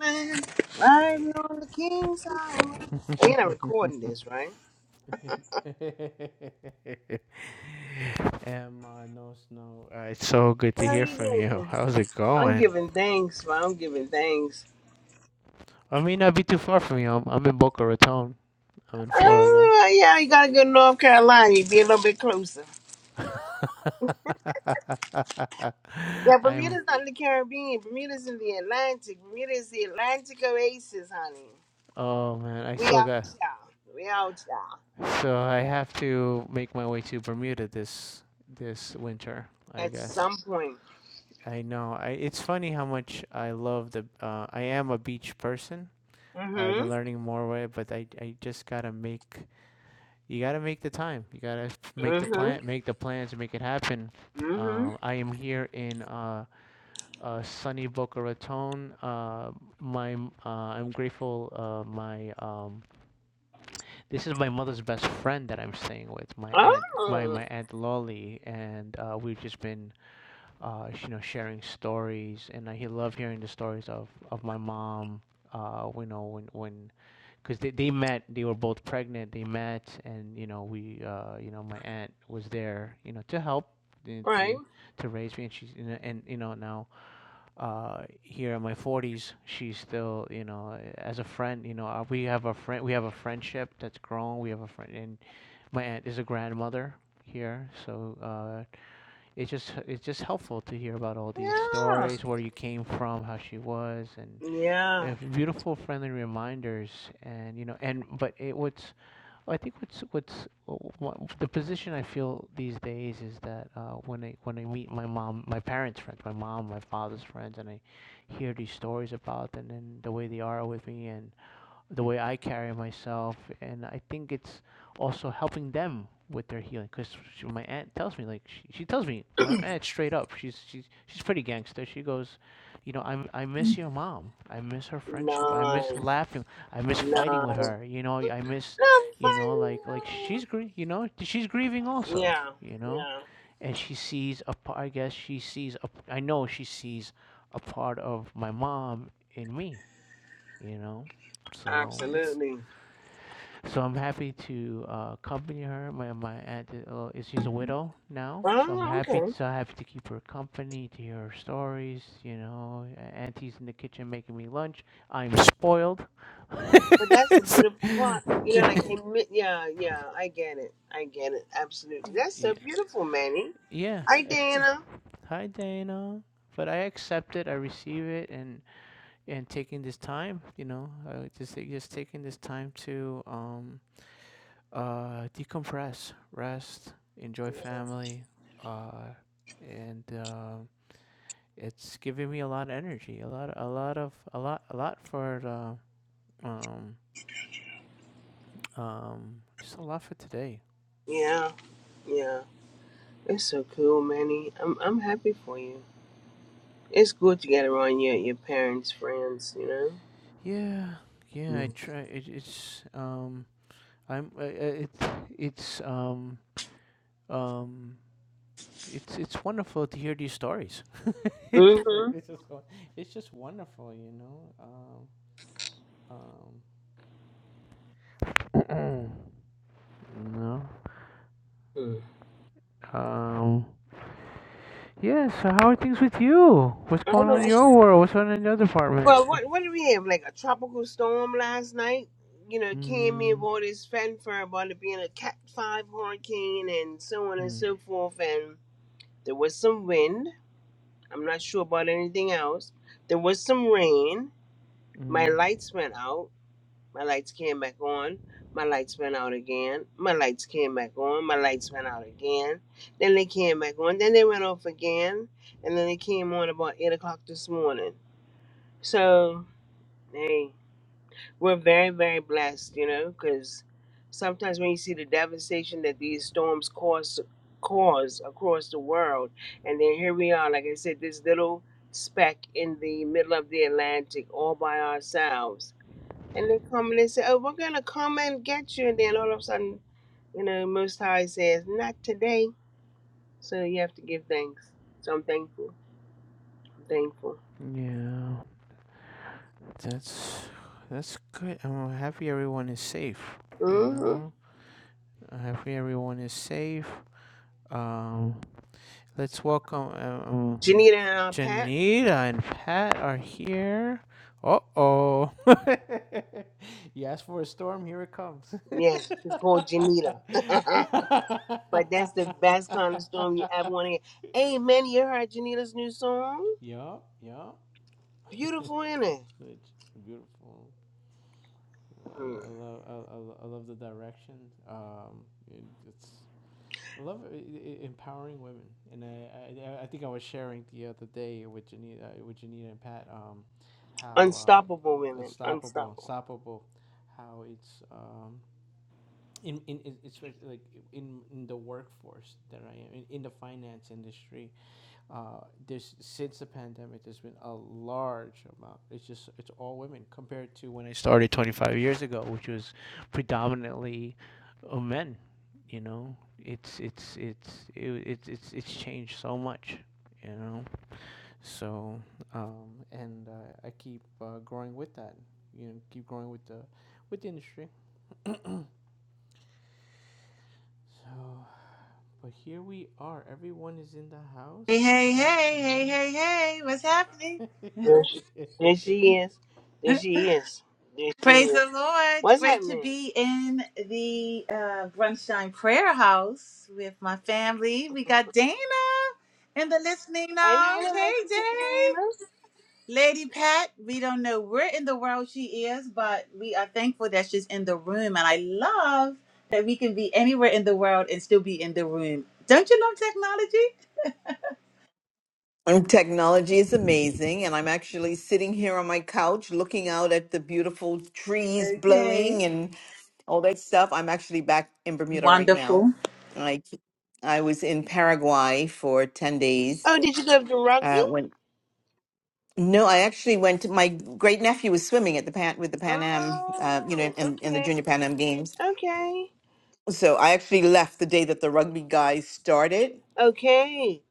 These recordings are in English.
Man, riding on the king Solomon. And I'm recording this, right? Emma, no snow. Uh, it's so good to How hear you from you. doing? How's it I'm going? giving thanks, man. I'm giving thanks. I may not be too far from you. I'm, I'm in Boca Raton. I'm in Florida. Uh, yeah, you gotta go to North Carolina. You be a little bit closer. Yeah, I'm. Bermuda's not in the Caribbean. Bermuda's in the Atlantic. Bermuda's the Atlantic oasis, honey. Oh man, I We still out got. y'all. We out y'all. So I have to make my way to Bermuda this this winter, I At guess. some point. I know. I, it's funny how much I love the. Uh, I am a beach person. I've been Mm-hmm. learning more way, but I I just gotta make you gotta make the time. You gotta make the Mm-hmm. plan, make the plans, and make it happen. Mm-hmm. Um, I am here in uh, uh, sunny Boca Raton. Uh, my uh, I'm grateful. Uh, my um, this is my mother's best friend that I'm staying with. My aunt, my Oh, my aunt Lolly, and uh, we've just been uh, you know sharing stories, and I he- love hearing the stories of of my mom. Uh, you know when when because they, they met they were both pregnant they met and you know we uh you know my aunt was there you know to help uh, right. to to raise me and she's you know, and you know now uh here in my 40s she's still you know eh, as a friend you know uh, we have a friend we have a friendship that's grown we have a friend and my aunt is a grandmother here so uh it's just it's just helpful to hear about all these Yeah. stories where you came from how she was and Yeah. uh, beautiful friendly reminders and you know and but it what's i think what's what's w- the position i feel these days is that uh, when i when i meet my mom my parents friends my mom my father's friends and i hear these stories about them and the way they are with me and the way I carry myself, and I think it's also helping them with their healing. Because my aunt tells me, like she, she tells me, my aunt straight up, she's she's she's pretty gangster. She goes, you know, I I miss your mom. I miss her friendship. I miss Nice. laughing. I miss fighting No. with her. You know, I miss, I'm you know, fighting like like she's gr- you know, she's grieving also. Yeah, You know, yeah, and she sees a part. I guess she sees a. I know she sees a part of my mom in me. You know, so it's absolutely. so I'm happy to uh, accompany her. My my aunt uh, is she's a widow now, so I'm Oh, happy okay. so happy to keep her company, to hear her stories. You know, A- auntie's in the kitchen making me lunch. I'm spoiled. But that's the beautiful part. You know, like they, mi- yeah, yeah. I get it. I get it. Absolutely. That's so yeah, beautiful, Manny. yeah. Hi, Ex- Dana. Hi Dana, but I accept it. I receive it, and and taking this time, you know, uh, just just taking this time to um uh, decompress, rest, enjoy family, uh, and uh, it's giving me a lot of energy, a lot, a lot of, a lot, a lot for the, um, um, just a lot for today. Yeah, yeah. It's so cool, Manny. I'm, I'm happy for you. It's good to get around your, your parents, friends. You know. Yeah, yeah. I try. It, it's um, I'm. Uh, uh, it, it's um, um. It's it's wonderful to hear these stories. it's just Mm-hmm. it's just won- it's just wonderful, you know. Um, um. no. Um, yeah, so how are things with you? What's going on in Mm. your world? What's going on in your department? Well, what what do we have? Like a tropical storm last night? You know, came in Mm, with all this fanfare about it being a Cat Five hurricane and so on and mm, so forth. And there was some wind. I'm not sure about anything else. There was some rain. My mm, lights went out. My lights came back on. My lights went out again. My lights came back on. My lights went out again. Then they came back on. Then they went off again. And then they came on about eight o'clock this morning. So, hey. we're very very blessed you know because sometimes when you see the devastation that these storms cause cause across the world and then here we are like i said this little speck in the middle of the atlantic all by ourselves and they come and they say oh we're gonna come and get you and then all of a sudden you know most high says not today so you have to give thanks so i'm thankful i'm thankful yeah, that's that's good. I'm happy everyone is safe, you mm-hmm. know? I'm happy everyone is safe. Um, let's welcome, uh, janita and our pat Janita and Pat are here. Uh oh. you asked for a storm, here it comes. yes she's called janita But that's the best kind of storm you ever want to hear. Hey, man, you heard Janita's new song? yup, yup. Beautiful, isn't it? Which beautiful. I, Hmm. lo- I love I, love the direction. Um, it's I love uh, e- e- empowering women, and I, I I think I was sharing the other day with Janita, with Janita and Pat, um, how Unstoppable uh, women. unstoppable, Unstoppable. unstoppable, how it's um, in in especially like in, in the workforce that I am in, in the finance industry, uh, there's since the pandemic, there's been a large amount. It's just it's all women compared to when I started 25 years ago, which was predominantly uh, men. You know, it's it's it's it, it's it's it's changed so much. You know, so um, and uh, I keep uh, growing with that. You know, keep growing with the with the industry. So, but here we are. Everyone is in the Hey, house. hey, Pat, hey, hey, Janita. hey, hey, what's happening? There she, there she is. There she is. There she Praise is. the Lord. It's What's great to happening? be in the uh, Brunchtime Prayer House with my family. We got Dana in the listening I know, I lounge. know, Hey, nice to see you, Day. Diana. Lady Pat, we don't know where in the world she is, but we are thankful that she's in the room. And I love that we can be anywhere in the world and still be in the room. Don't you love technology? And Technology is amazing, and I'm actually sitting here on my couch looking out at the beautiful trees Okay. blowing and all that stuff. I'm actually back in Bermuda right now. Wonderful. I I was in Paraguay for 10 days. Oh, did you go to rugby? Uh, when no, I actually went to my great nephew was swimming at the Pan with the Pan Am, uh, you know, Oh, in, in the okay. Junior Pan Am Games. Okay. So I actually left the day that the rugby guys started. Okay.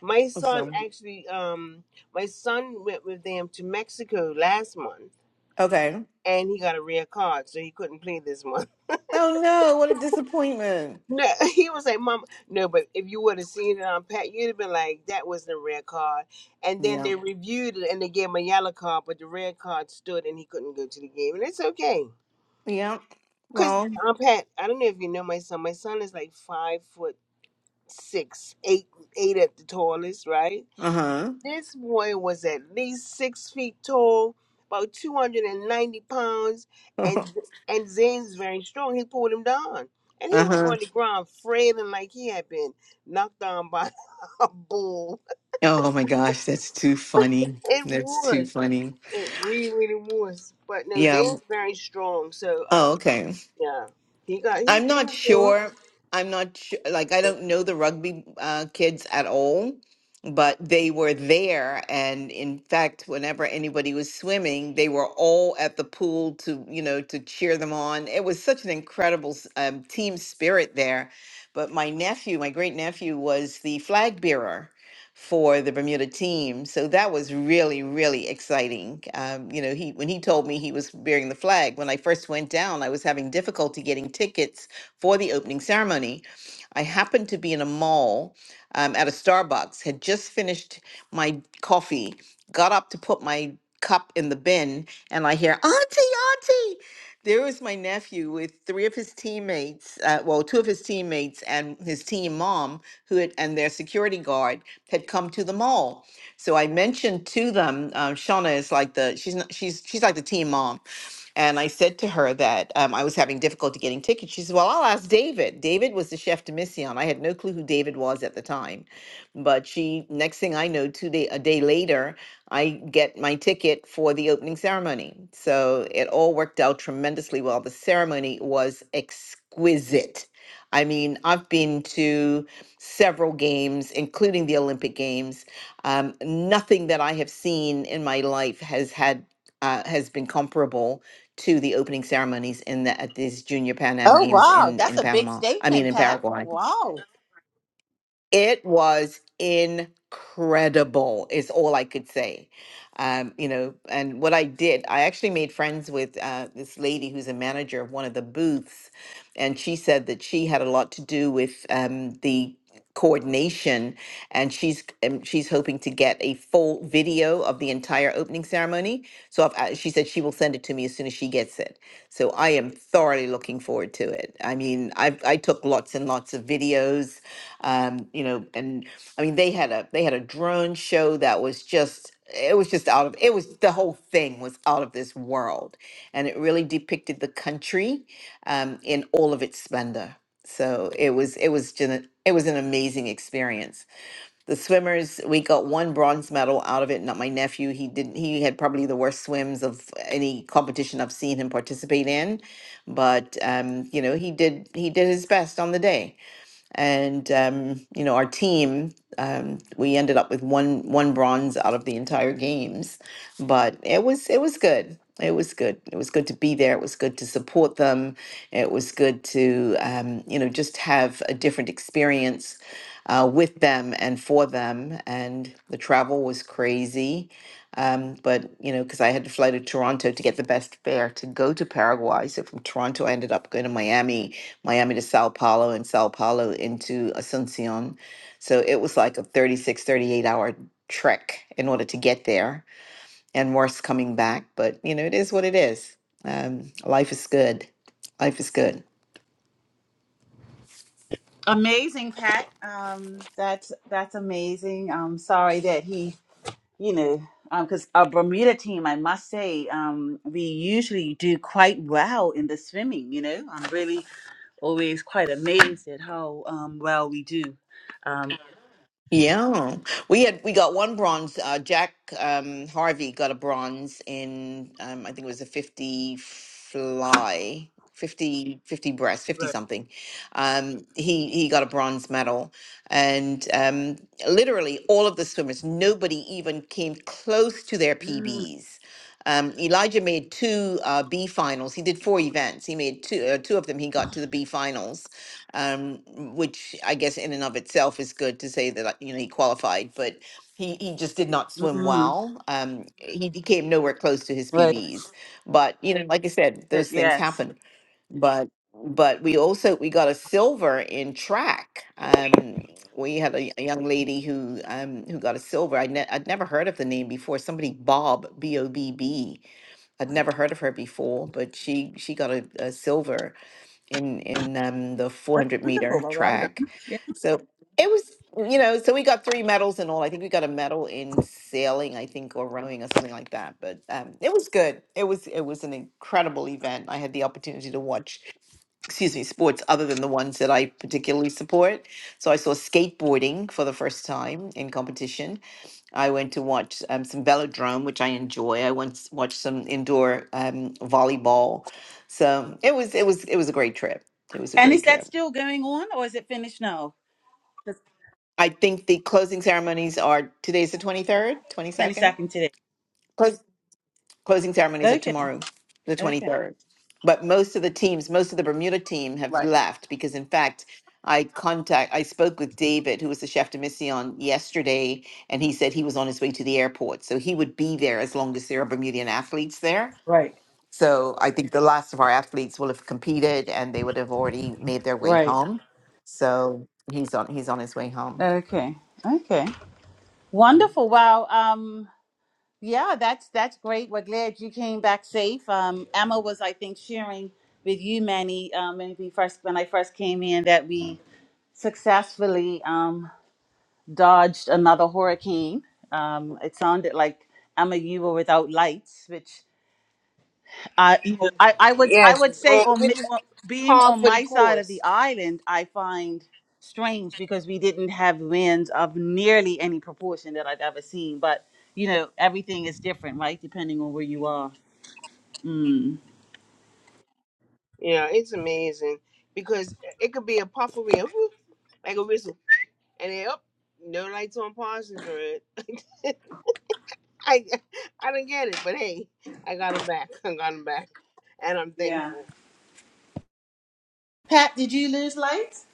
My son So actually, um, my son went with them to Mexico last month okay. and he got a red card, so he couldn't play this month. Oh no, what a disappointment. No, he was like, "Mom, no." But if you would have seen it unpacked, you'd have been like, "That wasn't a red card." And then Yeah. they reviewed it and they gave him a yellow card, but the red card stood and he couldn't go to the game, and it's okay Yeah. because Well, unpacked. I don't know if you know my son. My son is like five foot six, eight, eight at the tallest, right? uh-huh. This boy was at least six feet tall, about 290 pounds, and and Zane's very strong. He pulled him down. And he was Uh-huh. on the ground frailing like he had been knocked down by a bull. Oh my gosh, that's too funny. It That's too was. funny. It really, really was. But no, Yeah. Zane's very strong. So Oh, um okay. yeah. He got he I'm did not his thing. sure. I'm not sure. Like, I don't know the rugby uh, kids at all, but they were there. And in fact, whenever anybody was swimming, they were all at the pool to, you know, to cheer them on. It was such an incredible s- um, team spirit there. But my nephew, my great nephew, was the flag bearer for the Bermuda team. So that was really, really exciting. Um, you know, he when he told me he was bearing the flag, when I first went down, I was having difficulty getting tickets for the opening ceremony. I happened to be in a mall um, at a Starbucks, had just finished my coffee, got up to put my cup in the bin, and I hear, Auntie, Auntie there was my nephew with three of his teammates, uh, well, two of his teammates and his team mom, who had, and their security guard had come to the mall. So I mentioned to them, um, Shauna is like the she's not, she's she's like the team mom, and I said to her that um, I was having difficulty getting tickets. She said, "Well, I'll ask David." David was the chef de mission. I had no clue who David was at the time, but she next thing I know, two day a day later I get my ticket for the opening ceremony. So it all worked out tremendously well. The ceremony was exquisite. I mean, I've been to several games, including the Olympic Games. Um, nothing that I have seen in my life has had uh, has been comparable to the opening ceremonies in the, at these Junior Pan Am Oh Games wow, in that's in a big Panama. I mean, statement, in Pat. Paraguay. Wow. It was incredible, is all I could say. Um, you know, and what I did, I actually made friends with uh, this lady who's a manager of one of the booths, and she said that she had a lot to do with um, the coordination, and she's um, she's hoping to get a full video of the entire opening ceremony. So I've, uh, she said she will send it to me as soon as she gets it. So I am thoroughly looking forward to it. I mean, I I took lots and lots of videos um, you know, and I mean they had a they had a drone show that was just it was just out of it was the whole thing was out of this world, and it really depicted the country um, in all of its splendor. So it was it was just it was an amazing experience. The swimmers, we got one bronze medal out of it. Not my nephew. He didn't. He had probably the worst swims of any competition I've seen him participate in, but um, you know he did he did his best on the day and um, you know our team um, we ended up with one one bronze out of the entire games but it was it was good it was good it was good to be there it was good to support them it was good to um, you know just have a different experience uh, with them and for them and the travel was crazy um, but you know, because I had to fly to Toronto to get the best fare to go to Paraguay. So from Toronto, I ended up going to Miami, Miami to Sao Paulo, and Sao Paulo into Asuncion. So it was like a 36, 38 hour trek in order to get there, and worse coming back. But you know, it is what it is. Um, life is good. Life is good. Amazing, Pat. Um that's that's amazing. I'm sorry that he, you know, um cuz our Bermuda team, I must say, um we usually do quite well in the swimming, you know. I'm really always quite amazed at how um well we do. Um Yeah, we had we got one bronze. Uh, Jack um, Harvey got a bronze in um, I think it was a fifty fly, 50 50 breast, fifty right. something. Um, he he got a bronze medal, and um, literally all of the swimmers, nobody even came close to their Mm, PBs. Um, Elijah made two uh, B finals. He did four events. He made two uh, two of them. He got to the B finals um, which I guess in and of itself is good to say that like, you know he qualified, but he he just did not swim mm, well. Um, he, he came nowhere close to his right. PBs, but you know, like I said, those things Yes. happen. But but we also we got a silver in track. Um, we had a, a young lady who um, who got a silver. I'd, ne- I'd never heard of the name before. Somebody Bob B O B B. I'd never heard of her before, but she she got a, a silver in in um, the 400 Wonderful. meter Well, well track. done. Yeah. So it was, you know, so we got three medals in all. I think we got a medal in sailing, I think, or rowing or something like that. But um, it was good. It was it was an incredible event. I had the opportunity to watch excuse me, sports other than the ones that I particularly support. So I saw skateboarding for the first time in competition. I went to watch um, some velodrome, which I enjoy. I once watched some indoor um, volleyball. So it was it was it was a great trip. It was a And great is that trip. still going on or is it finished now? Just I think the closing ceremonies are today's the twenty third, twenty second. 22nd today. Closing ceremonies are Okay. tomorrow, the Okay. 23rd. But most of the teams, most of the Bermuda team have Right. left because, in fact, I contact I spoke with David, who was the chef de mission yesterday, and he said he was on his way to the airport, so he would be there as long as there are Bermudian athletes there. Right, So I think the last of our athletes will have competed, and they would have already made their way right. home. So he's on he's on his way home. Okay. Okay. Yeah. Wonderful. Wow. Um yeah, that's that's great. We're glad you came back safe. Um Emma was I think sharing with you Manny um when we first when I first came in that we successfully um dodged another hurricane. Um it sounded like Emma you were without lights, which. I, you know, I, I would, I Yes, would it's say all on, mi- which is on being par on for the my side of the course. island, I find strange because we didn't have winds of nearly any proportion that I've ever seen. But you know, everything is different, right? Depending on where you are. Mm. Yeah, it's amazing. Because it could be a puff of puffery, like a whistle And then, oh, no lights on Parsons Road. I I didn't get it, but hey, I got him back. I got him back, and I'm Yeah. thankful. Pat, did you lose lights?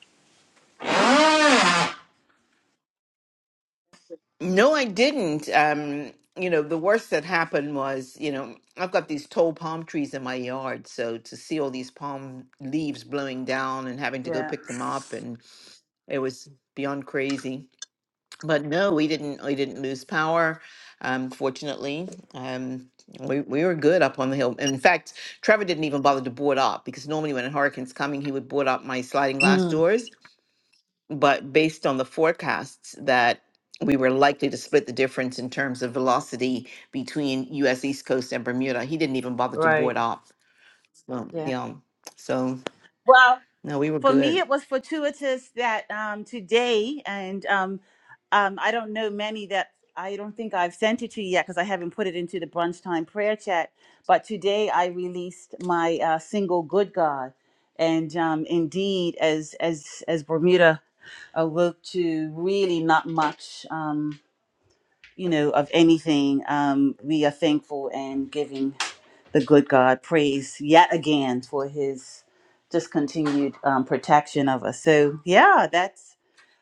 No, I didn't. Um, you know, the worst that happened was, you know, I've got these tall palm trees in my yard, so to see all these palm leaves blowing down and having to go Yeah. pick them up and it was beyond crazy. But no, we didn't we didn't lose power, um, fortunately. Um we, we were good up on the hill. In fact, Trevor didn't even bother to board up because normally when a hurricane's coming, he would board up my sliding glass Mm. doors but based on the forecasts that we were likely to split the difference in terms of velocity between U.S. East Coast and Bermuda, he didn't even bother to board Right. up. Well, Yeah. you know, so Well, no, we were for me good. it was fortuitous that um, today and um, um, i don't know many that i don't think i've sent it to you yet because i haven't put it into the brunch time prayer chat but today i released my uh, single good god and um, indeed as as as bermuda awoke to really not much um, you know of anything um, we are thankful and giving the good God praise yet again for his just continued um, protection of us. So, yeah, that's,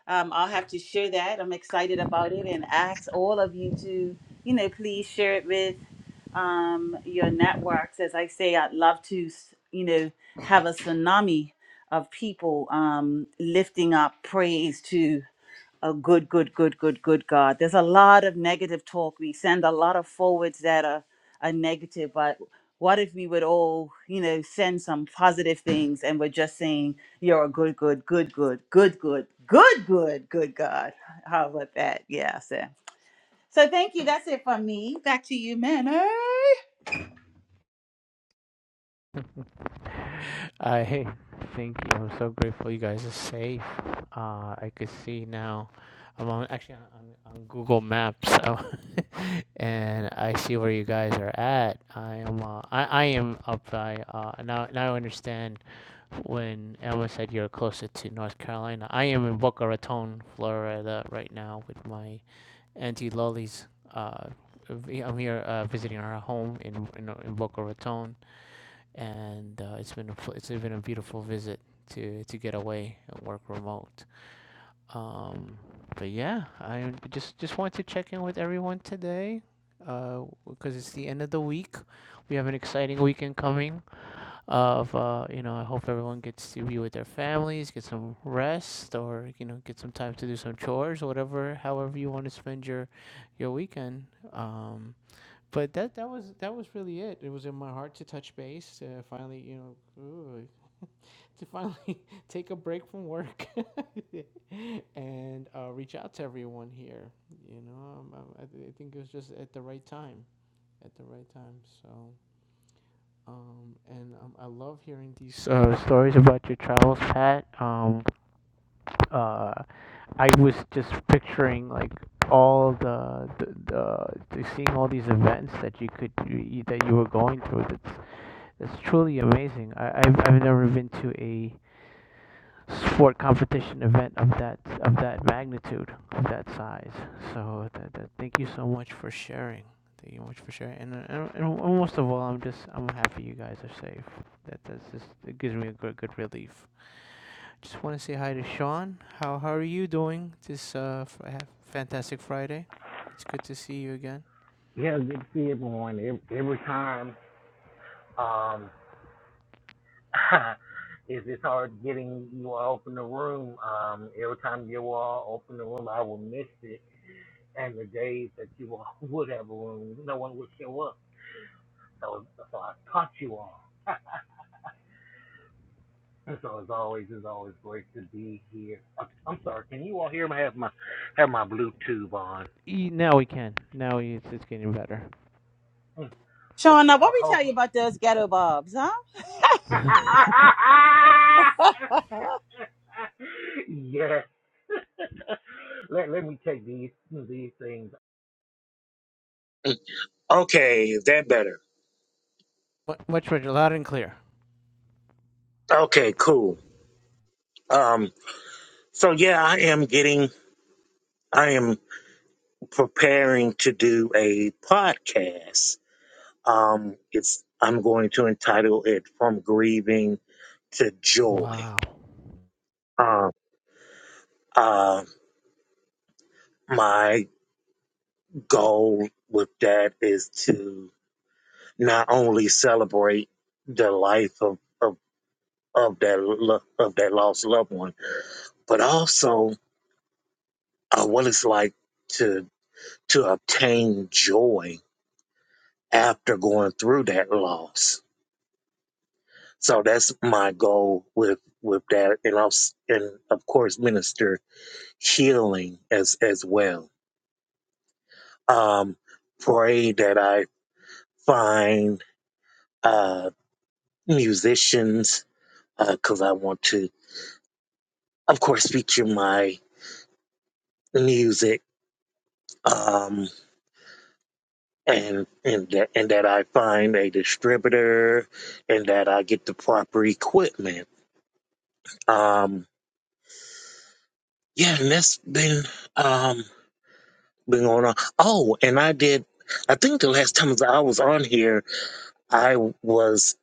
um, I'll have to share that. I'm excited about it and ask all of you to, you know, please share it with um, your networks. As I say, I'd love to, you know, have a tsunami of people um, lifting up praise to. A good, good, good, good, good God. There's a lot of negative talk. We send a lot of forwards that are, are negative, but what if we would all, you know, send some positive things and we're just saying, you're a good, good, good, good, good, good, good, good, good God. How about that? Yeah, so. So thank you. That's it from me. Back to you, man. I thank you. I'm so grateful you guys are safe. Uh, I could see now. I'm on, actually on, on Google Maps, so, and I see where you guys are at. I am uh, I, I am up by uh, now. Now I understand when Emma said you're closer to North Carolina. I am in Boca Raton, Florida, right now with my auntie Lolly's. Uh, v- I'm here uh, visiting her home in in, in Boca Raton and uh, it's been a, pl- it's been a beautiful visit to to get away and work remote. Um, but yeah, I just just wanted to check in with everyone today, uh, because it's the end of the week. We have an exciting weekend coming. Of uh, you know, I hope everyone gets to be with their families, get some rest, or you know, get some time to do some chores, whatever, however you want to spend your your weekend. Um, but that that was that was really it. It was in my heart to touch base. to finally, you know, ooh, to finally take a break from work and uh, reach out to everyone here. You know, um, um, I, I think it was just at the right time. At the right time. So, um, and um, I love hearing these uh, stories about your travels, Pat. Um, uh, I was just picturing like all the the, the, the seeing all these events that you could you, that you were going through. That's that's truly amazing. I, I've I've never been to a sport competition event of that of that magnitude of that size. So that, that, thank you so much for sharing. Thank you so much for sharing. And, uh, and and most of all, I'm just I'm happy you guys are safe. That that's just it gives me a good good relief. Just want to say hi to Sean. How how are you doing this uh f- fantastic Friday? It's good to see you again. E- now we can. Now we- it's, it's getting better. Shauna, what we tell you about those ghetto bobs, huh? Mu- Okay, is that better. Much better, loud and clear. Okay, cool. Um, so yeah, I am getting, I am preparing to do a podcast. Um, it's, I'm going to entitle it From Grieving to Joy. wow. Um, uh, my goal with that is to not only celebrate the life of, of, of that, lo- of that lost loved one, but also uh, what it's like to. to obtain joy after going through that loss. So that's my goal with with that, and I'll, and of course minister healing as as well. Um, pray that I find uh, musicians because uh, I want to, of course, feature my music. Um, and and that, and that I find a distributor, and that I get the proper equipment. Um, Yeah, and that's been um been going on. Oh, and I did. I think the last time that I was on here, I was.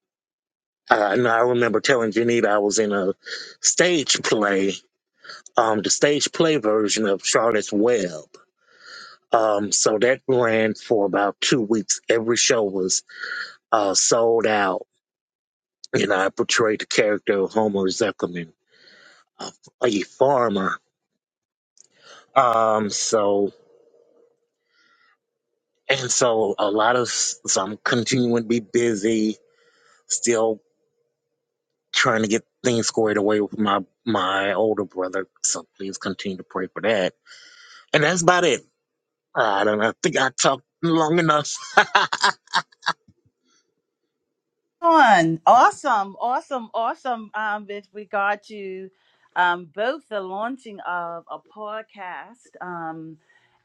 Uh, no, I remember telling Janita I was in a stage play, um, the stage play version of Charlotte's Web. Um, so that ran for about two weeks. Every show was uh, sold out, and I portrayed the character of Homer Zuckerman, a, a farmer. Um, so And so a lot of, so I'm continuing to be busy, still trying to get things squared away with my, my older brother. So please continue to pray for that. And that's about it. I don't know. I think I talked long enough. on. Awesome, awesome, awesome. Um, with regard to um, both the launching of a podcast um,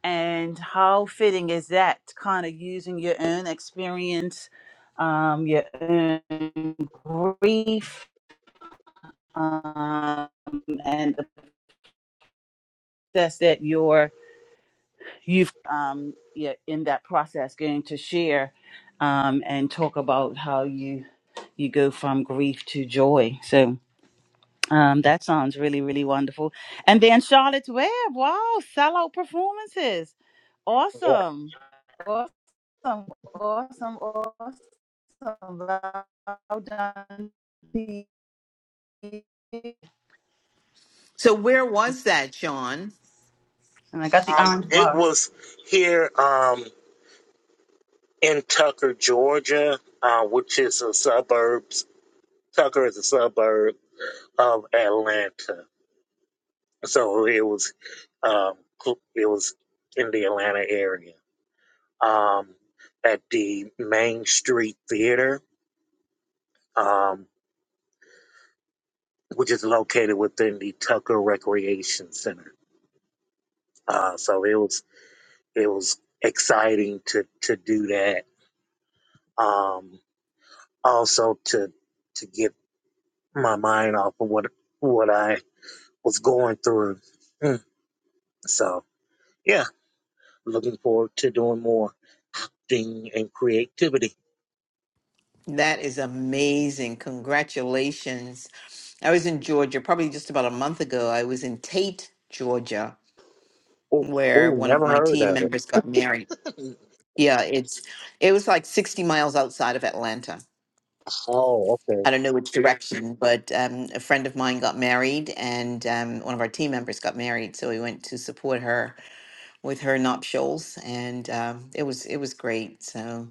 and how fitting is that kind of using your own experience, um, your own grief, um, and the process that you're you've um, you're in that process going to share um, and talk about how you you go from grief to joy. So Um, that sounds really, really wonderful. And then Charlotte's Web, wow, sellout performances. Yeah. Awesome. Awesome. Awesome. Awesome. Well done. So where was that, Sean? And I got the um, orange it bar. was here, um, in Tucker, Georgia, uh, which is a suburbs. Tucker is a suburb of Atlanta. So it was, um, it was in the Atlanta area. um, at the Main Street Theater, um, which is located within the Tucker Recreation Center. Uh, so it was it was exciting to to do that. Um, also to to get my mind off of what what I was going through. Mm. So yeah, looking forward to doing more acting and creativity. That is amazing. Congratulations. I was in Georgia probably just about a month ago. I was in Tate, Georgia, Oh, where oh, one of never my heard team of members got married. it. Yeah, it's it was like 60 miles outside of Atlanta Oh, okay. I don't know which direction, but um, a friend of mine got married, and um, one of our team members got married, so we went to support her with her nuptials, and um, it was it was great. So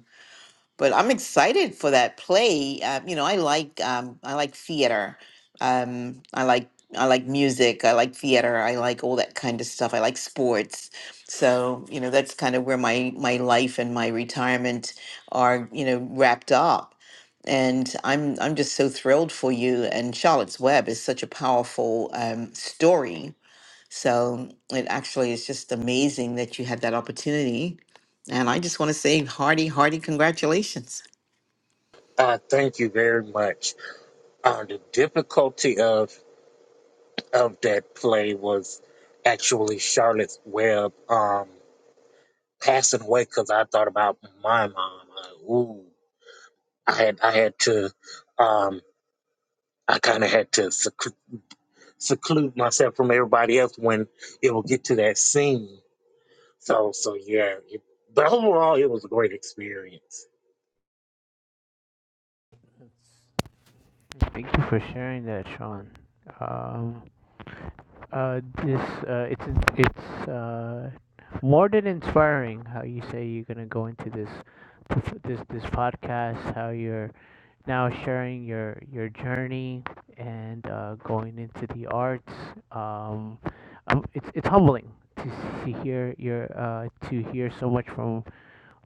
but I'm excited for that play. Uh, you know, I like um, I like theater. Um, I like I like music. I like theater. I like all that kind of stuff. I like sports. So you know, that's kind of where my my life and my retirement are. You know, wrapped up. And I'm I'm just so thrilled for you. And Charlotte's Web is such a powerful um, story so it actually is just amazing that you had that opportunity. And I just want to say hearty, hearty congratulations. Uh, thank you very much. Uh, the difficulty of of that play was actually Charlotte's Web um, passing away because I thought about my mom. I, ooh, I had I had to um, I kind of had to seclu- seclude myself from everybody else when it will get to that scene. So so yeah, it, but overall it was a great experience. Thank you for sharing that, Sean. Um, uh, this uh, it's it's uh, more than inspiring how you say you're gonna go into this this this podcast, how you're now sharing your your journey and uh, going into the arts. Um, um, it's it's humbling to s- to hear your uh, to hear so much from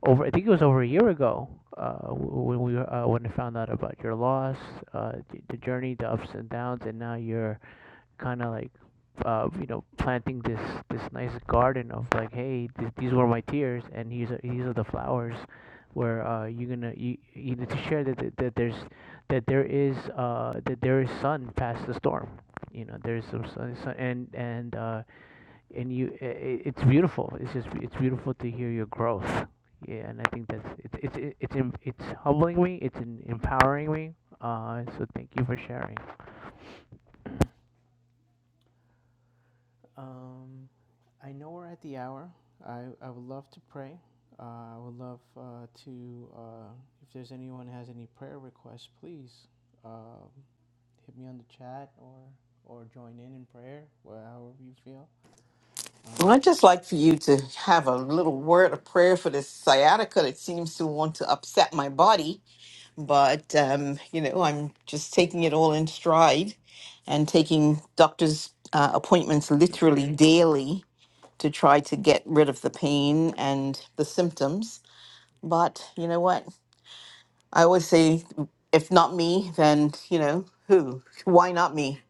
over. I think it was over a year ago uh, w- when we uh, when I found out about your loss, uh, the, the journey, the ups and downs, and now you're kind of like uh, you know planting this this nice garden of like hey th- these were my tears and these are these are the flowers where uh, you're gonna you, you need to share that, that that there's that there is uh that there is sun past the storm you know there's some sun, sun and and uh and you i i- it's beautiful it's just it's beautiful to hear your growth yeah and i think that's it's it's it's it's, em- it's humbling me it's em- empowering me uh so thank you for sharing Um, I know we're at the hour. I, I would love to pray. Uh, I would love uh, to, uh, if there's anyone has any prayer requests, please uh, hit me on the chat or or join in in prayer, wh- however you feel. Um, Well, I'd just like for you to have a little word of prayer for this sciatica that seems to want to upset my body. But, um, you know, I'm just taking it all in stride and taking doctor's uh, appointments literally daily to try to get rid of the pain and the symptoms. But you know what? I always say, if not me, then, you know, who? Why not me?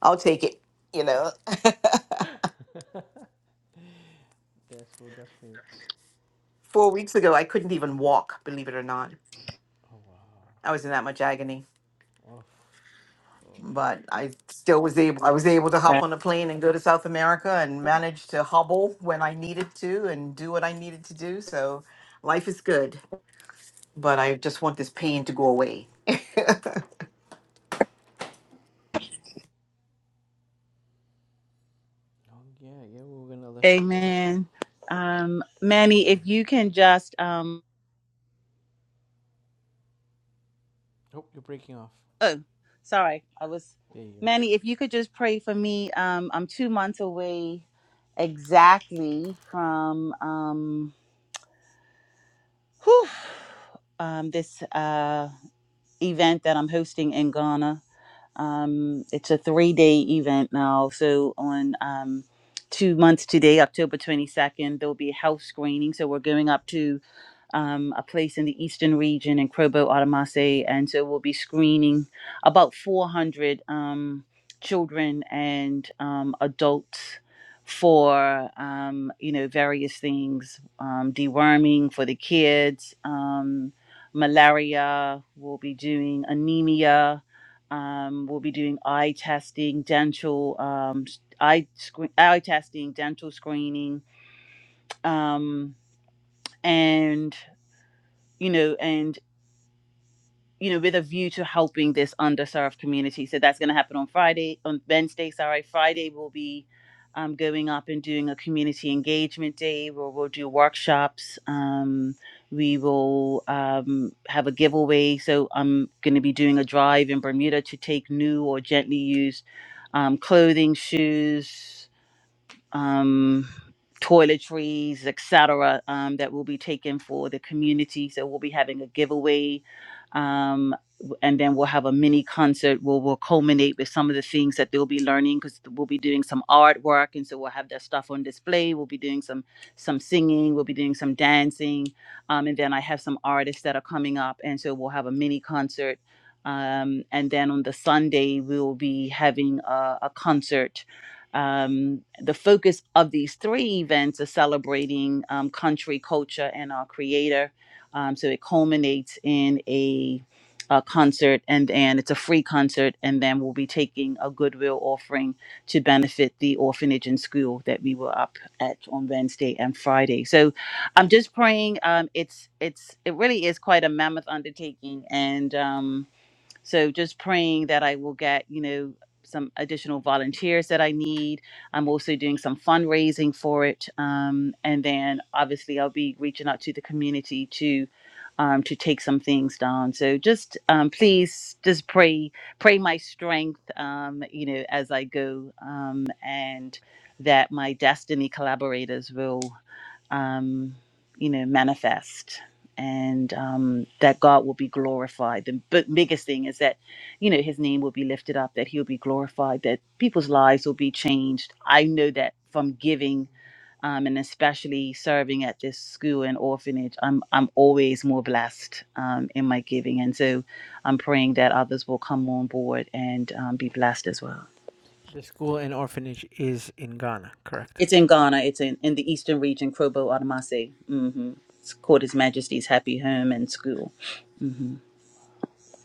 I'll take it. You know, yes, we'll definitely. four weeks ago, I couldn't even walk, believe it or not. Oh I wow. was in that much agony, Oof. Oof. but I still was able, I was able to hop on a plane and go to South America and manage to hobble when I needed to and do what I needed to do. So life is good, but I just want this pain to go away. Oh yeah, yeah. We're gonna lift you up. Amen. Um, Manny, Amen. if you can just um Oh, you're breaking off. oh sorry, I was There you are. Manny, if you could just pray for me. Um, I'm two months away exactly from um whew, um, this uh, event that I'm hosting in Ghana. Um, it's a three day event now. So, on um, two months today, October 22nd, there'll be a health screening. So, we're going up to um, a place in the eastern region in Krobo, Atamase. And so we'll be screening about 400 um, children and um, adults for, um, you know, various things, um, deworming for the kids, um, malaria, we'll be doing anemia. Um, we'll be doing eye testing, dental um, s- eye screen, eye testing, dental screening, um, and you know, and you know, with a view to helping this underserved community. So that's going to happen on Friday, on Wednesday, sorry. Friday we'll be um, going up and doing a community engagement day where we'll do workshops. Um, we will um, have a giveaway. So I'm going to be doing a drive in Bermuda to take new or gently used um, clothing, shoes um, toiletries, etc., um, that will be taken for the community. So we'll be having a giveaway, um, w- and then we'll have a mini concert where we'll culminate with some of the things that they'll be learning because we'll be doing some artwork, and so we'll have that stuff on display. We'll be doing some some singing, we'll be doing some dancing, um, and then I have some artists that are coming up, and so we'll have a mini concert. Um, and then on the Sunday, we will be having a, a concert um, the focus of these three events is celebrating um, country, culture, and our creator. Um, so it culminates in a, a concert, and and it's a free concert, and then we'll be taking a goodwill offering to benefit the orphanage and school that we were up at on Wednesday and Friday. So I'm just praying. Um, it's it's it really is quite a mammoth undertaking, and um, so just praying that I will get, you know, some additional volunteers that I need. I'm also doing some fundraising for it, um, and then obviously I'll be reaching out to the community to um, to take some things down. So just um, please, just pray, pray my strength, um, you know, as I go, um, and that my destiny collaborators will um, you know, manifest and um, that God will be glorified. The b- biggest thing is that, you know, his name will be lifted up, that he'll be glorified, that people's lives will be changed. I know that from giving um, and especially serving at this school and orphanage, I'm, I'm always more blessed um, in my giving. And so I'm praying that others will come on board and um, be blessed as well. The school and orphanage is in Ghana, correct? It's in Ghana. It's in, in the eastern region, Krobo Adamase. Mm-hmm. It's called His Majesty's Happy Home and School. hmm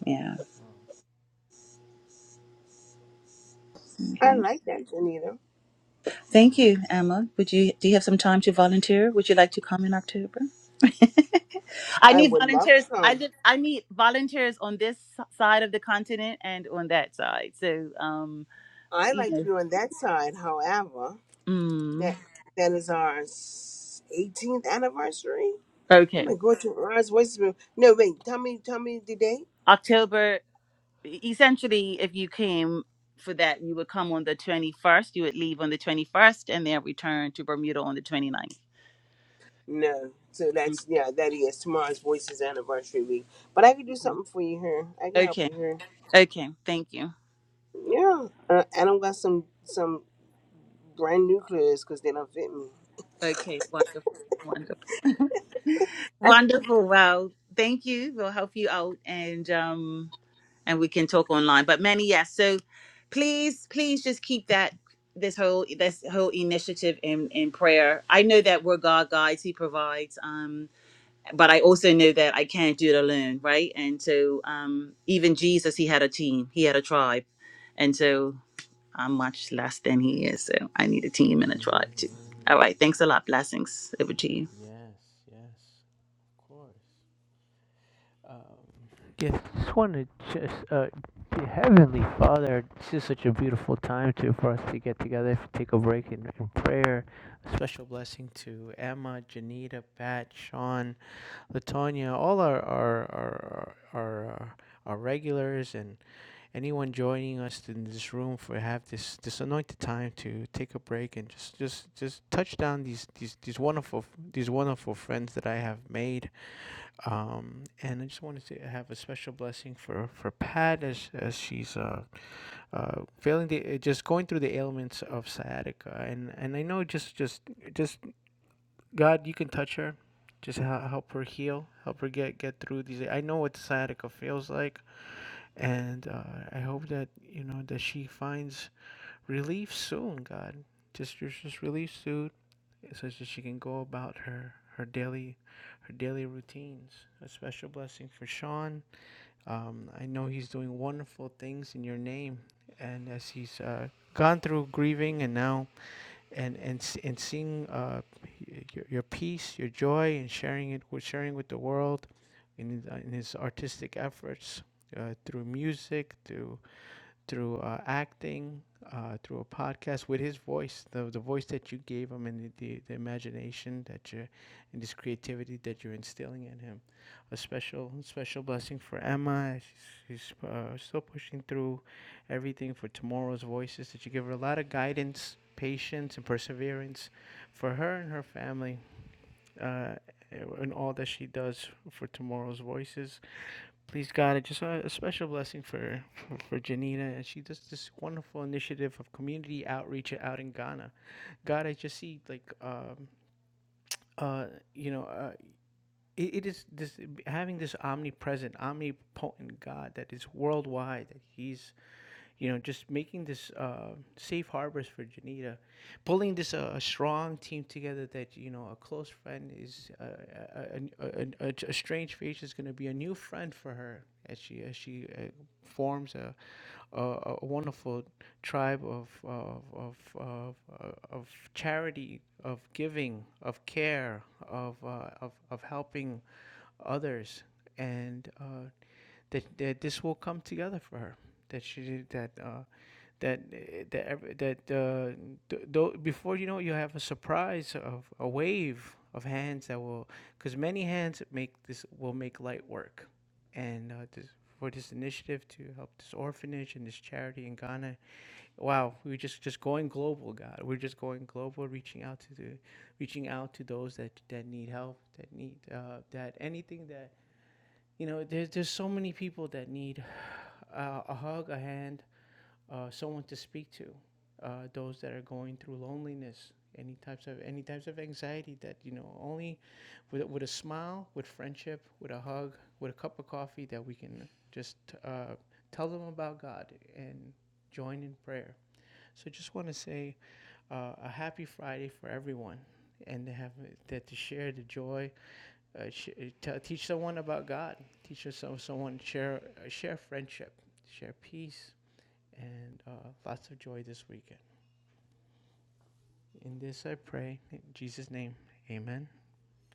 Yeah. Wow, I Okay. like that, Janita. that's Thank you, amazing. Emma. Would you do you have some time to volunteer? Would you like to come in October? I I need would love to volunteers. I come. did, I need volunteers on this side of the continent and on that side. So, um, I you like to know, be on that side. However, mm, that that is our s- 18th anniversary. I'm okay. gonna go to Ron's Voices Room. No, wait. Tell me, tell me the date. October essentially if you came for that you would come on the 21st you would leave on the 21st and then return to bermuda on the 29th No, so Mm, that's yeah, that is tomorrow's Voices anniversary week. But I can do mhm. something for you here. I can help okay you here. okay thank you Yeah, uh, and I've got some some. brand nucleus because they don't fit me. okay wonderful wonderful wonderful well thank you we'll help you out and um and we can talk online but many yes so please please just keep that this whole this whole initiative in in prayer i know that we're god guides he provides Um. but I also know that I can't do it alone, right? And so um, even Jesus, he had a team, he had a tribe, and so I'm much less than he is. So I need a team and a hmm tribe too. All right, thanks a lot. Blessings over to you. Yes, yes, of course. Um, Yes, just want to just uh, dear Heavenly Father, this is such a beautiful time to for us to get together, if take a break in, in prayer. A special blessing to Emma, Janita, Pat, Sean, Latonia, all our our our our, our, uh, our regulars and anyone joining us in this room for have this this anointed time to take a break and just just just touch down these these these wonderful these wonderful friends that I have made. Um, and I just wanted to have a special blessing for for Pat as as she's uh, uh failing the uh, just going through the ailments of sciatica and and I know just just just God you can touch her just hel- help her heal help her get get through these I know what sciatica feels like and uh, I hope that you know that she finds relief soon. God, just just just relief soon, so that she can go about her her daily her daily routines. A special blessing for Sean. Um, I know he's doing wonderful things in your name, and as he's uh, gone through grieving and now and and and seeing uh, your, your peace, your joy, and sharing it with sharing with the world, in his, uh, in his artistic efforts uh, through music, through through uh, acting, uh, through a podcast with his voice, the, the voice that you gave him and the, the, the imagination that you and this creativity that you're instilling in him. A special special blessing for Emma. She's, she's uh, still pushing through everything for tomorrow's voices that you give her a lot of guidance, patience, and perseverance for her and her family uh, in all that she does for tomorrow's voices. Please God, I just a, a special blessing for, for for Janina, and she does this wonderful initiative of community outreach out in Ghana. God, I just see like um, uh, you know, uh, it, it is this having this omnipresent, omnipotent God that is worldwide, that He's you know, just making this uh, safe harbors for Janita, pulling this uh, a strong team together that you know a close friend is uh, a, a, a, a, a strange face is going to be a new friend for her as she as she uh, forms a, a a wonderful tribe of of of of, uh, of charity, of giving, of care, of uh, of of helping others and uh, that, that this will come together for her. That she that uh, that uh, that ev- that uh, th- tho- before you know it, you have a surprise of a wave of hands that will because many hands make this will make light work and uh, this, for this initiative to help this orphanage and this charity in Ghana wow we're just just going global God we're just going global reaching out to the reaching out to those that that need help that need uh, that anything that you know there's there's so many people that need uh, a hug a hand uh, someone to speak to, uh, those that are going through loneliness, any types of any types of anxiety that you know only with with a smile, with friendship, with a hug, with a cup of coffee that we can just uh, tell them about God and join in prayer. So just want to say uh, a happy Friday for everyone. And to have that to share the joy, uh, sh- t- teach someone about God, teach some, someone share uh, share friendship, share peace, and uh, lots of joy this weekend. In this I pray, in Jesus' name, amen,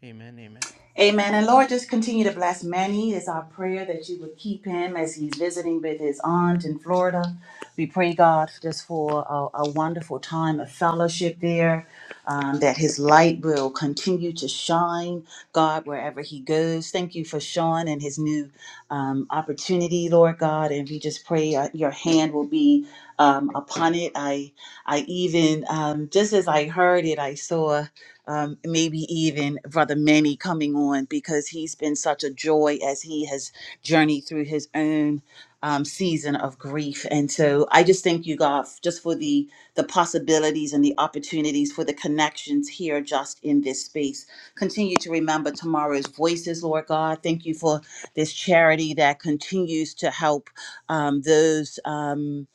amen, amen. Amen. And Lord, just continue to bless Manny. It's our prayer that you would keep him as he's visiting with his aunt in Florida. We pray, God, just for a, a wonderful time of fellowship there, um, that his light will continue to shine, God, wherever he goes. Thank you for Sean and his new um, opportunity, Lord God. And we just pray uh, your hand will be um, upon it. I, I even, um, just as I heard it, I saw um, maybe even Brother Manny coming on because he's been such a joy as he has journeyed through his own um, season of grief. And so I just thank you, God, just for the the possibilities and the opportunities for the connections here just in this space. Continue to remember tomorrow's voices, Lord God. Thank you for this charity that continues to help um, those. Um,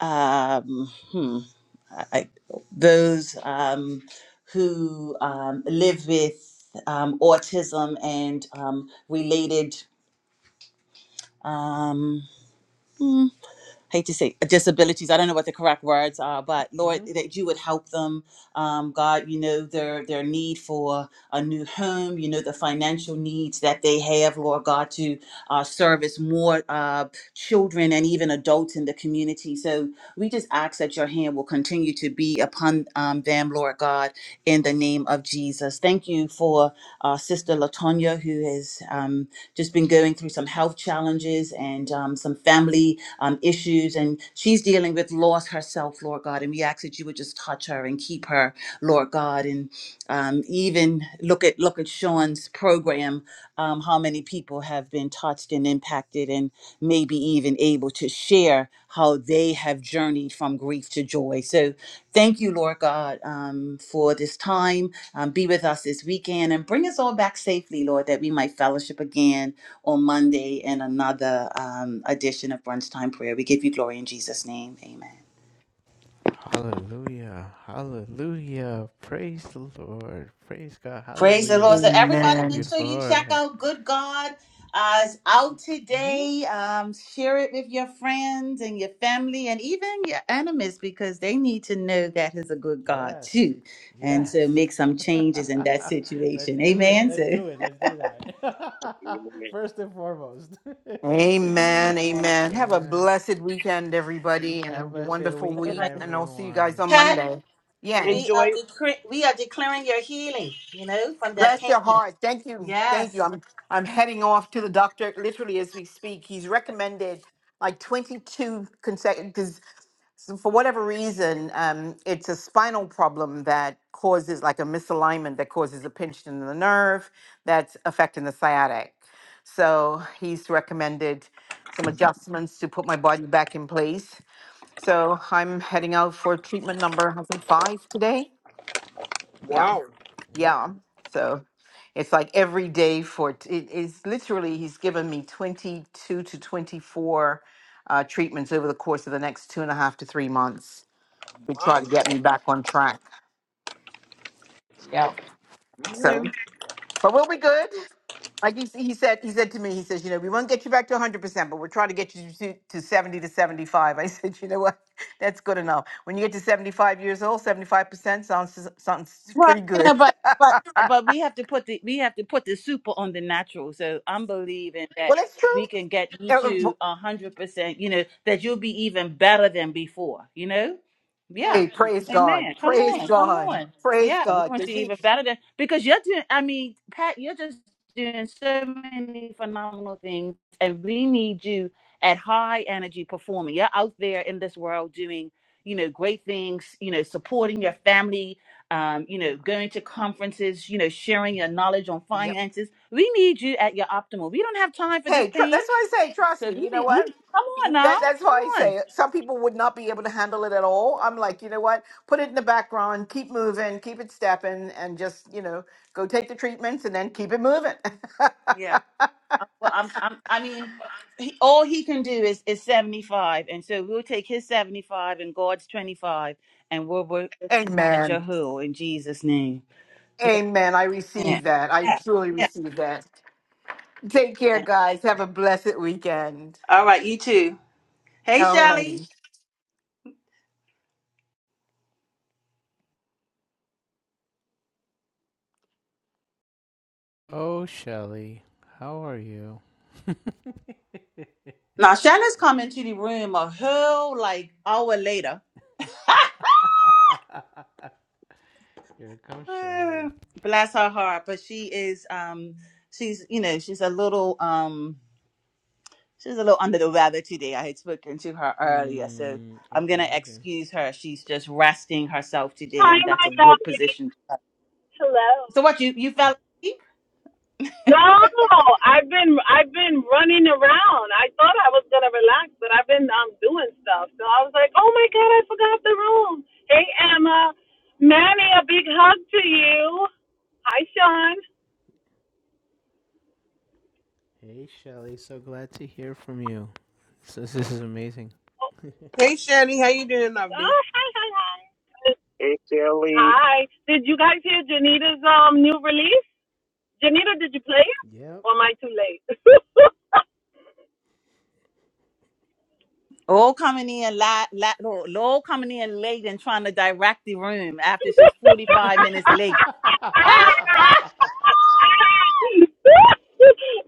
um, hmm, uh, I, those um, who um, live with um, autism and um, related. Um, hmm, hate to say uh, disabilities. I don't know what the correct words are, but Lord, hmm that you would help them. Um, God, you know their their need for a new home. You know the financial needs that they have, Lord God, to uh, service more uh, children and even adults in the community. So we just ask that your hand will continue to be upon um, them, Lord God, in the name of Jesus. Thank you for uh, Sister Latonya, who has um, just been going through some health challenges and um, some family um, issues, and she's dealing with loss herself, Lord God. And we ask that you would just touch her and keep her, Lord God, and um, even look at look at Sean's program, um, how many people have been touched and impacted, and maybe even able to share how they have journeyed from grief to joy. So thank you, Lord God, um, for this time. Um, be with us this weekend and bring us all back safely, Lord, that we might fellowship again on Monday in another um, edition of Brunch Time Prayer. We give you glory in Jesus' name. Amen. Hallelujah, hallelujah, praise the Lord, praise God, Praise the Lord. hallelujah. So, This is everybody, so make Amen. sure beautiful. you check Mm-hmm. out Good God. Uh, it's out today. Um, share it with your friends and your family and even your enemies because they need to know that He's a good God Yes, too. And yes. so, make some changes in that let's situation. do that. Amen. Let's So, do it. Let's do that. First and foremost. Amen. Amen. Amen. Have a awesome. blessed weekend, everybody, and Have a us a wonderful All weekend, week. right. And I'll see you guys everyone. on Kat, Monday. Yes. we are, Enjoy. decre- we are declaring your healing, you know, from that Bless your pain. heart. Thank you. Thank you. Yes. I'm I'm heading off to the doctor literally as we speak. He's recommended like 22 consecutive. so for whatever reason, um, it's a spinal problem that causes like a misalignment that causes a pinch in the nerve that's affecting the sciatic. So he's recommended some adjustments to put my body back in place. So I'm heading out for treatment number, I think five today. Yeah, Wow. Yep. yeah. So it's like every day for t- it is literally he's given me 22 to 24 uh, treatments over the course of the next two and a half to three months to try to Wow. get me back on track. Yeah. So, Okay. but we'll be good. Like he, he said, he said to me, he says, you know, we won't get you back to 100%, but we're trying to get you to, to 70 to 75. I said, you know what? That's good enough. When you get to 75 years old, 75% sounds, sounds Well, pretty you know, good. but but but we have to put the we have to put the super on the natural. So I'm believing that well, that's true. we can get you Uh, to well, a hundred percent. You know that you'll be even better than before. You know, yeah, Hey, praise God. amen. Come Praise on, come God. on. Praise Yeah, we God. want because you even he? better than because you're doing. I mean, Pat, you're just doing so many phenomenal things, and we need you at high energy performing. You're out there in this world doing, you know, great things. You know, supporting your family um, you know, going to conferences, you know, sharing your knowledge on finances. We need you at your optimal. We don't have time for this Hey, tr- pain. that's why I say, trust So me. we You know need, we, what? come on now, That that's come why I on. say it. some people would not be able to handle it at all. I'm like, you know what? Put it in the background, keep moving, keep it stepping, and just you know, go take the treatments and then keep it moving. Yeah. I- Well, I'm, I'm I mean, he, all he can do is is 75, and so we'll take his 75 and God's 25, and we'll work at Amen. Yahoo in Jesus' name. Amen. I Yeah. receive that. I Yeah. truly Yeah. receive that. Take care, yeah. guys. Have a blessed weekend. All right, you too. Hey, Shelly. Alrighty. Oh, Shelly, how are you? Now Shannon's coming to the room a whole like hour later. Here comes Ah, Shelly. bless her heart but she is um she's you know she's a little um she's a little under the weather today i had spoken to her earlier so Mm, i'm gonna okay, okay. excuse her she's just resting herself today Hi, and that's my a dog. good position Hello. so what you you fell asleep No, I've been I've been running around. I thought I was gonna relax, but I've been um doing stuff. So I was like, oh my god, I forgot the room. Hey Emma, Manny, a big hug to you. Hi Sean. Hey, Shelly, so glad to hear from you. This, this is amazing. Hey Shirley, how you doing, lovely? Oh, hi hi hi. Hi. Did you guys hear Janita's um new release? Janita, did you play it? Yep. Or am I too late? all coming in la, la, lo- lo coming in late and trying to direct the room after she's 45 minutes late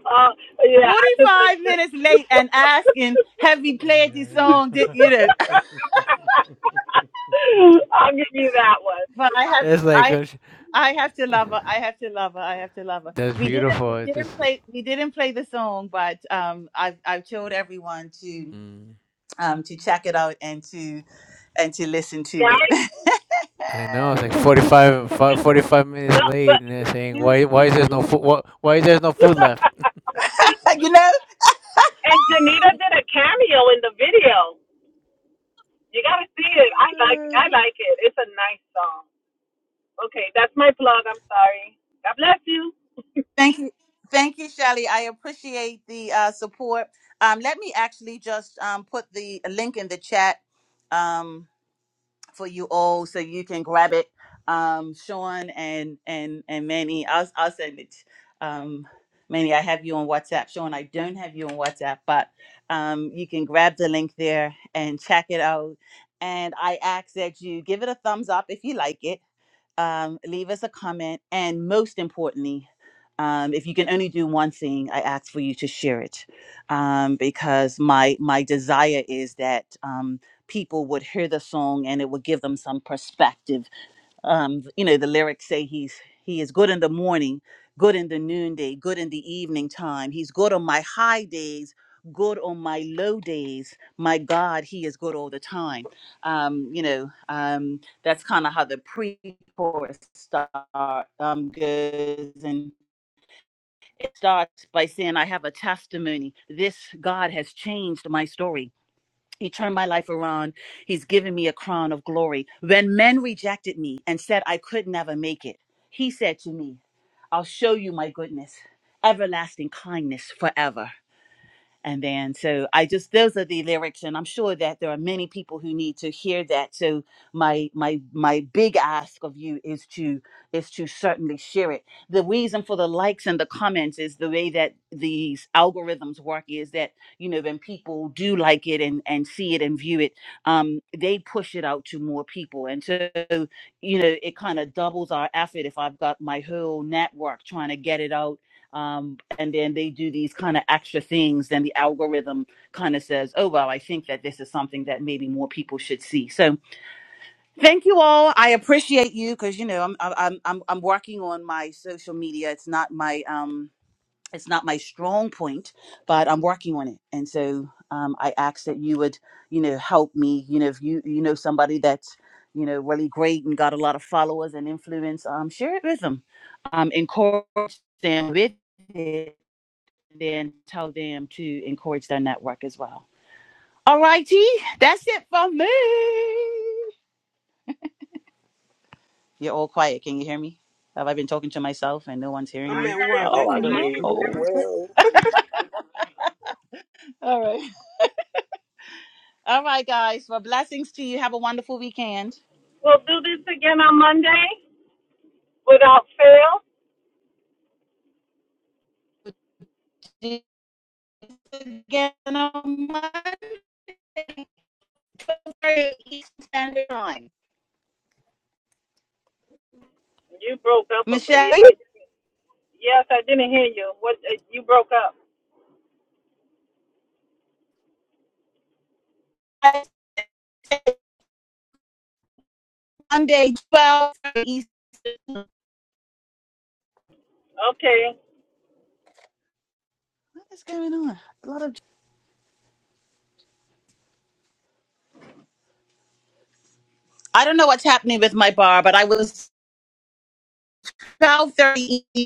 uh, yeah, I just 45 minutes late and asking have you played this song did you know I'll give you that one. But I have It's like, I oh, I have to love her. I have to love her. I have to love her. that's We didn't beautiful. we It's just, didn't play we didn't play the song, but um I've I've told everyone to mm. um to check it out and to and to listen to it. Guys, I know. It's like 45, fi- 45 minutes no, late, but and they're saying, "Why? Why is there no food? Why, why is there no food left?" you know? and Janita did a cameo in the video. You gotta see it. I like Uh, I like it. It's a nice song. Okay, that's my plug. I'm sorry. God bless you. Thank you. Thank you, Shelly. I appreciate the uh, support. Um, let me actually just um, put the link in the chat. Um, for you all so you can grab it um sean and and and manny i'll, I'll send it um manny i have you on whatsapp sean i don't have you on whatsapp but um you can grab the link there and check it out and i ask that you give it a thumbs up if you like it um, leave us a comment, and most importantly, um, if you can only do one thing, I ask for you to share it, um, because my my desire is that um, people would hear the song and it would give them some perspective um you know the lyrics say he's he is good in the morning good in the noonday good in the evening time he's good on my high days good on my low days my god he is good all the time um you know um that's kind of how the pre-chorus start um goes and it starts by saying i have a testimony this god has changed my story he turned my life around. He's given me a crown of glory. When men rejected me and said I could never make it, he said to me, I'll show you my goodness, everlasting kindness forever. And then, so I just those are the lyrics, and I'm sure that there are many people who need to hear that. So my my my big ask of you is to is to certainly share it. The reason for the likes and the comments is the way that these algorithms work is that you know when people do like it and and see it and view it, um, they push it out to more people, and so you know it kind of doubles our effort if I've got my whole network trying to get it out um, and then they do these kind of extra things then the algorithm kind of says oh well i think that this is something that maybe more people should see so thank you all i appreciate you because you know I'm, I'm i'm i'm working on my social media it's not my um it's not my strong point but i'm working on it and so um, i ask that you would you know help me you know if you you know somebody that's you know really great and got a lot of followers and influence um share it with them um encourage them with it then tell them to encourage their network as well. All righty, that's it for me. You're all quiet. Can you hear me? Have I been talking to myself and no one's hearing I'm me? at work. I Oh can hear no. you. All right. All right, guys. Well, blessings to you. Have a wonderful weekend. We'll do this again on Monday without fail. See you Again on Monday, Eastern Standard Time. You broke up. Michelle, a- I, yes, I didn't hear you. What you broke up? I said Monday, 12 Eastern. What Okay. is going on? A lot of I don't know what's happening with my bar, but I was 12:30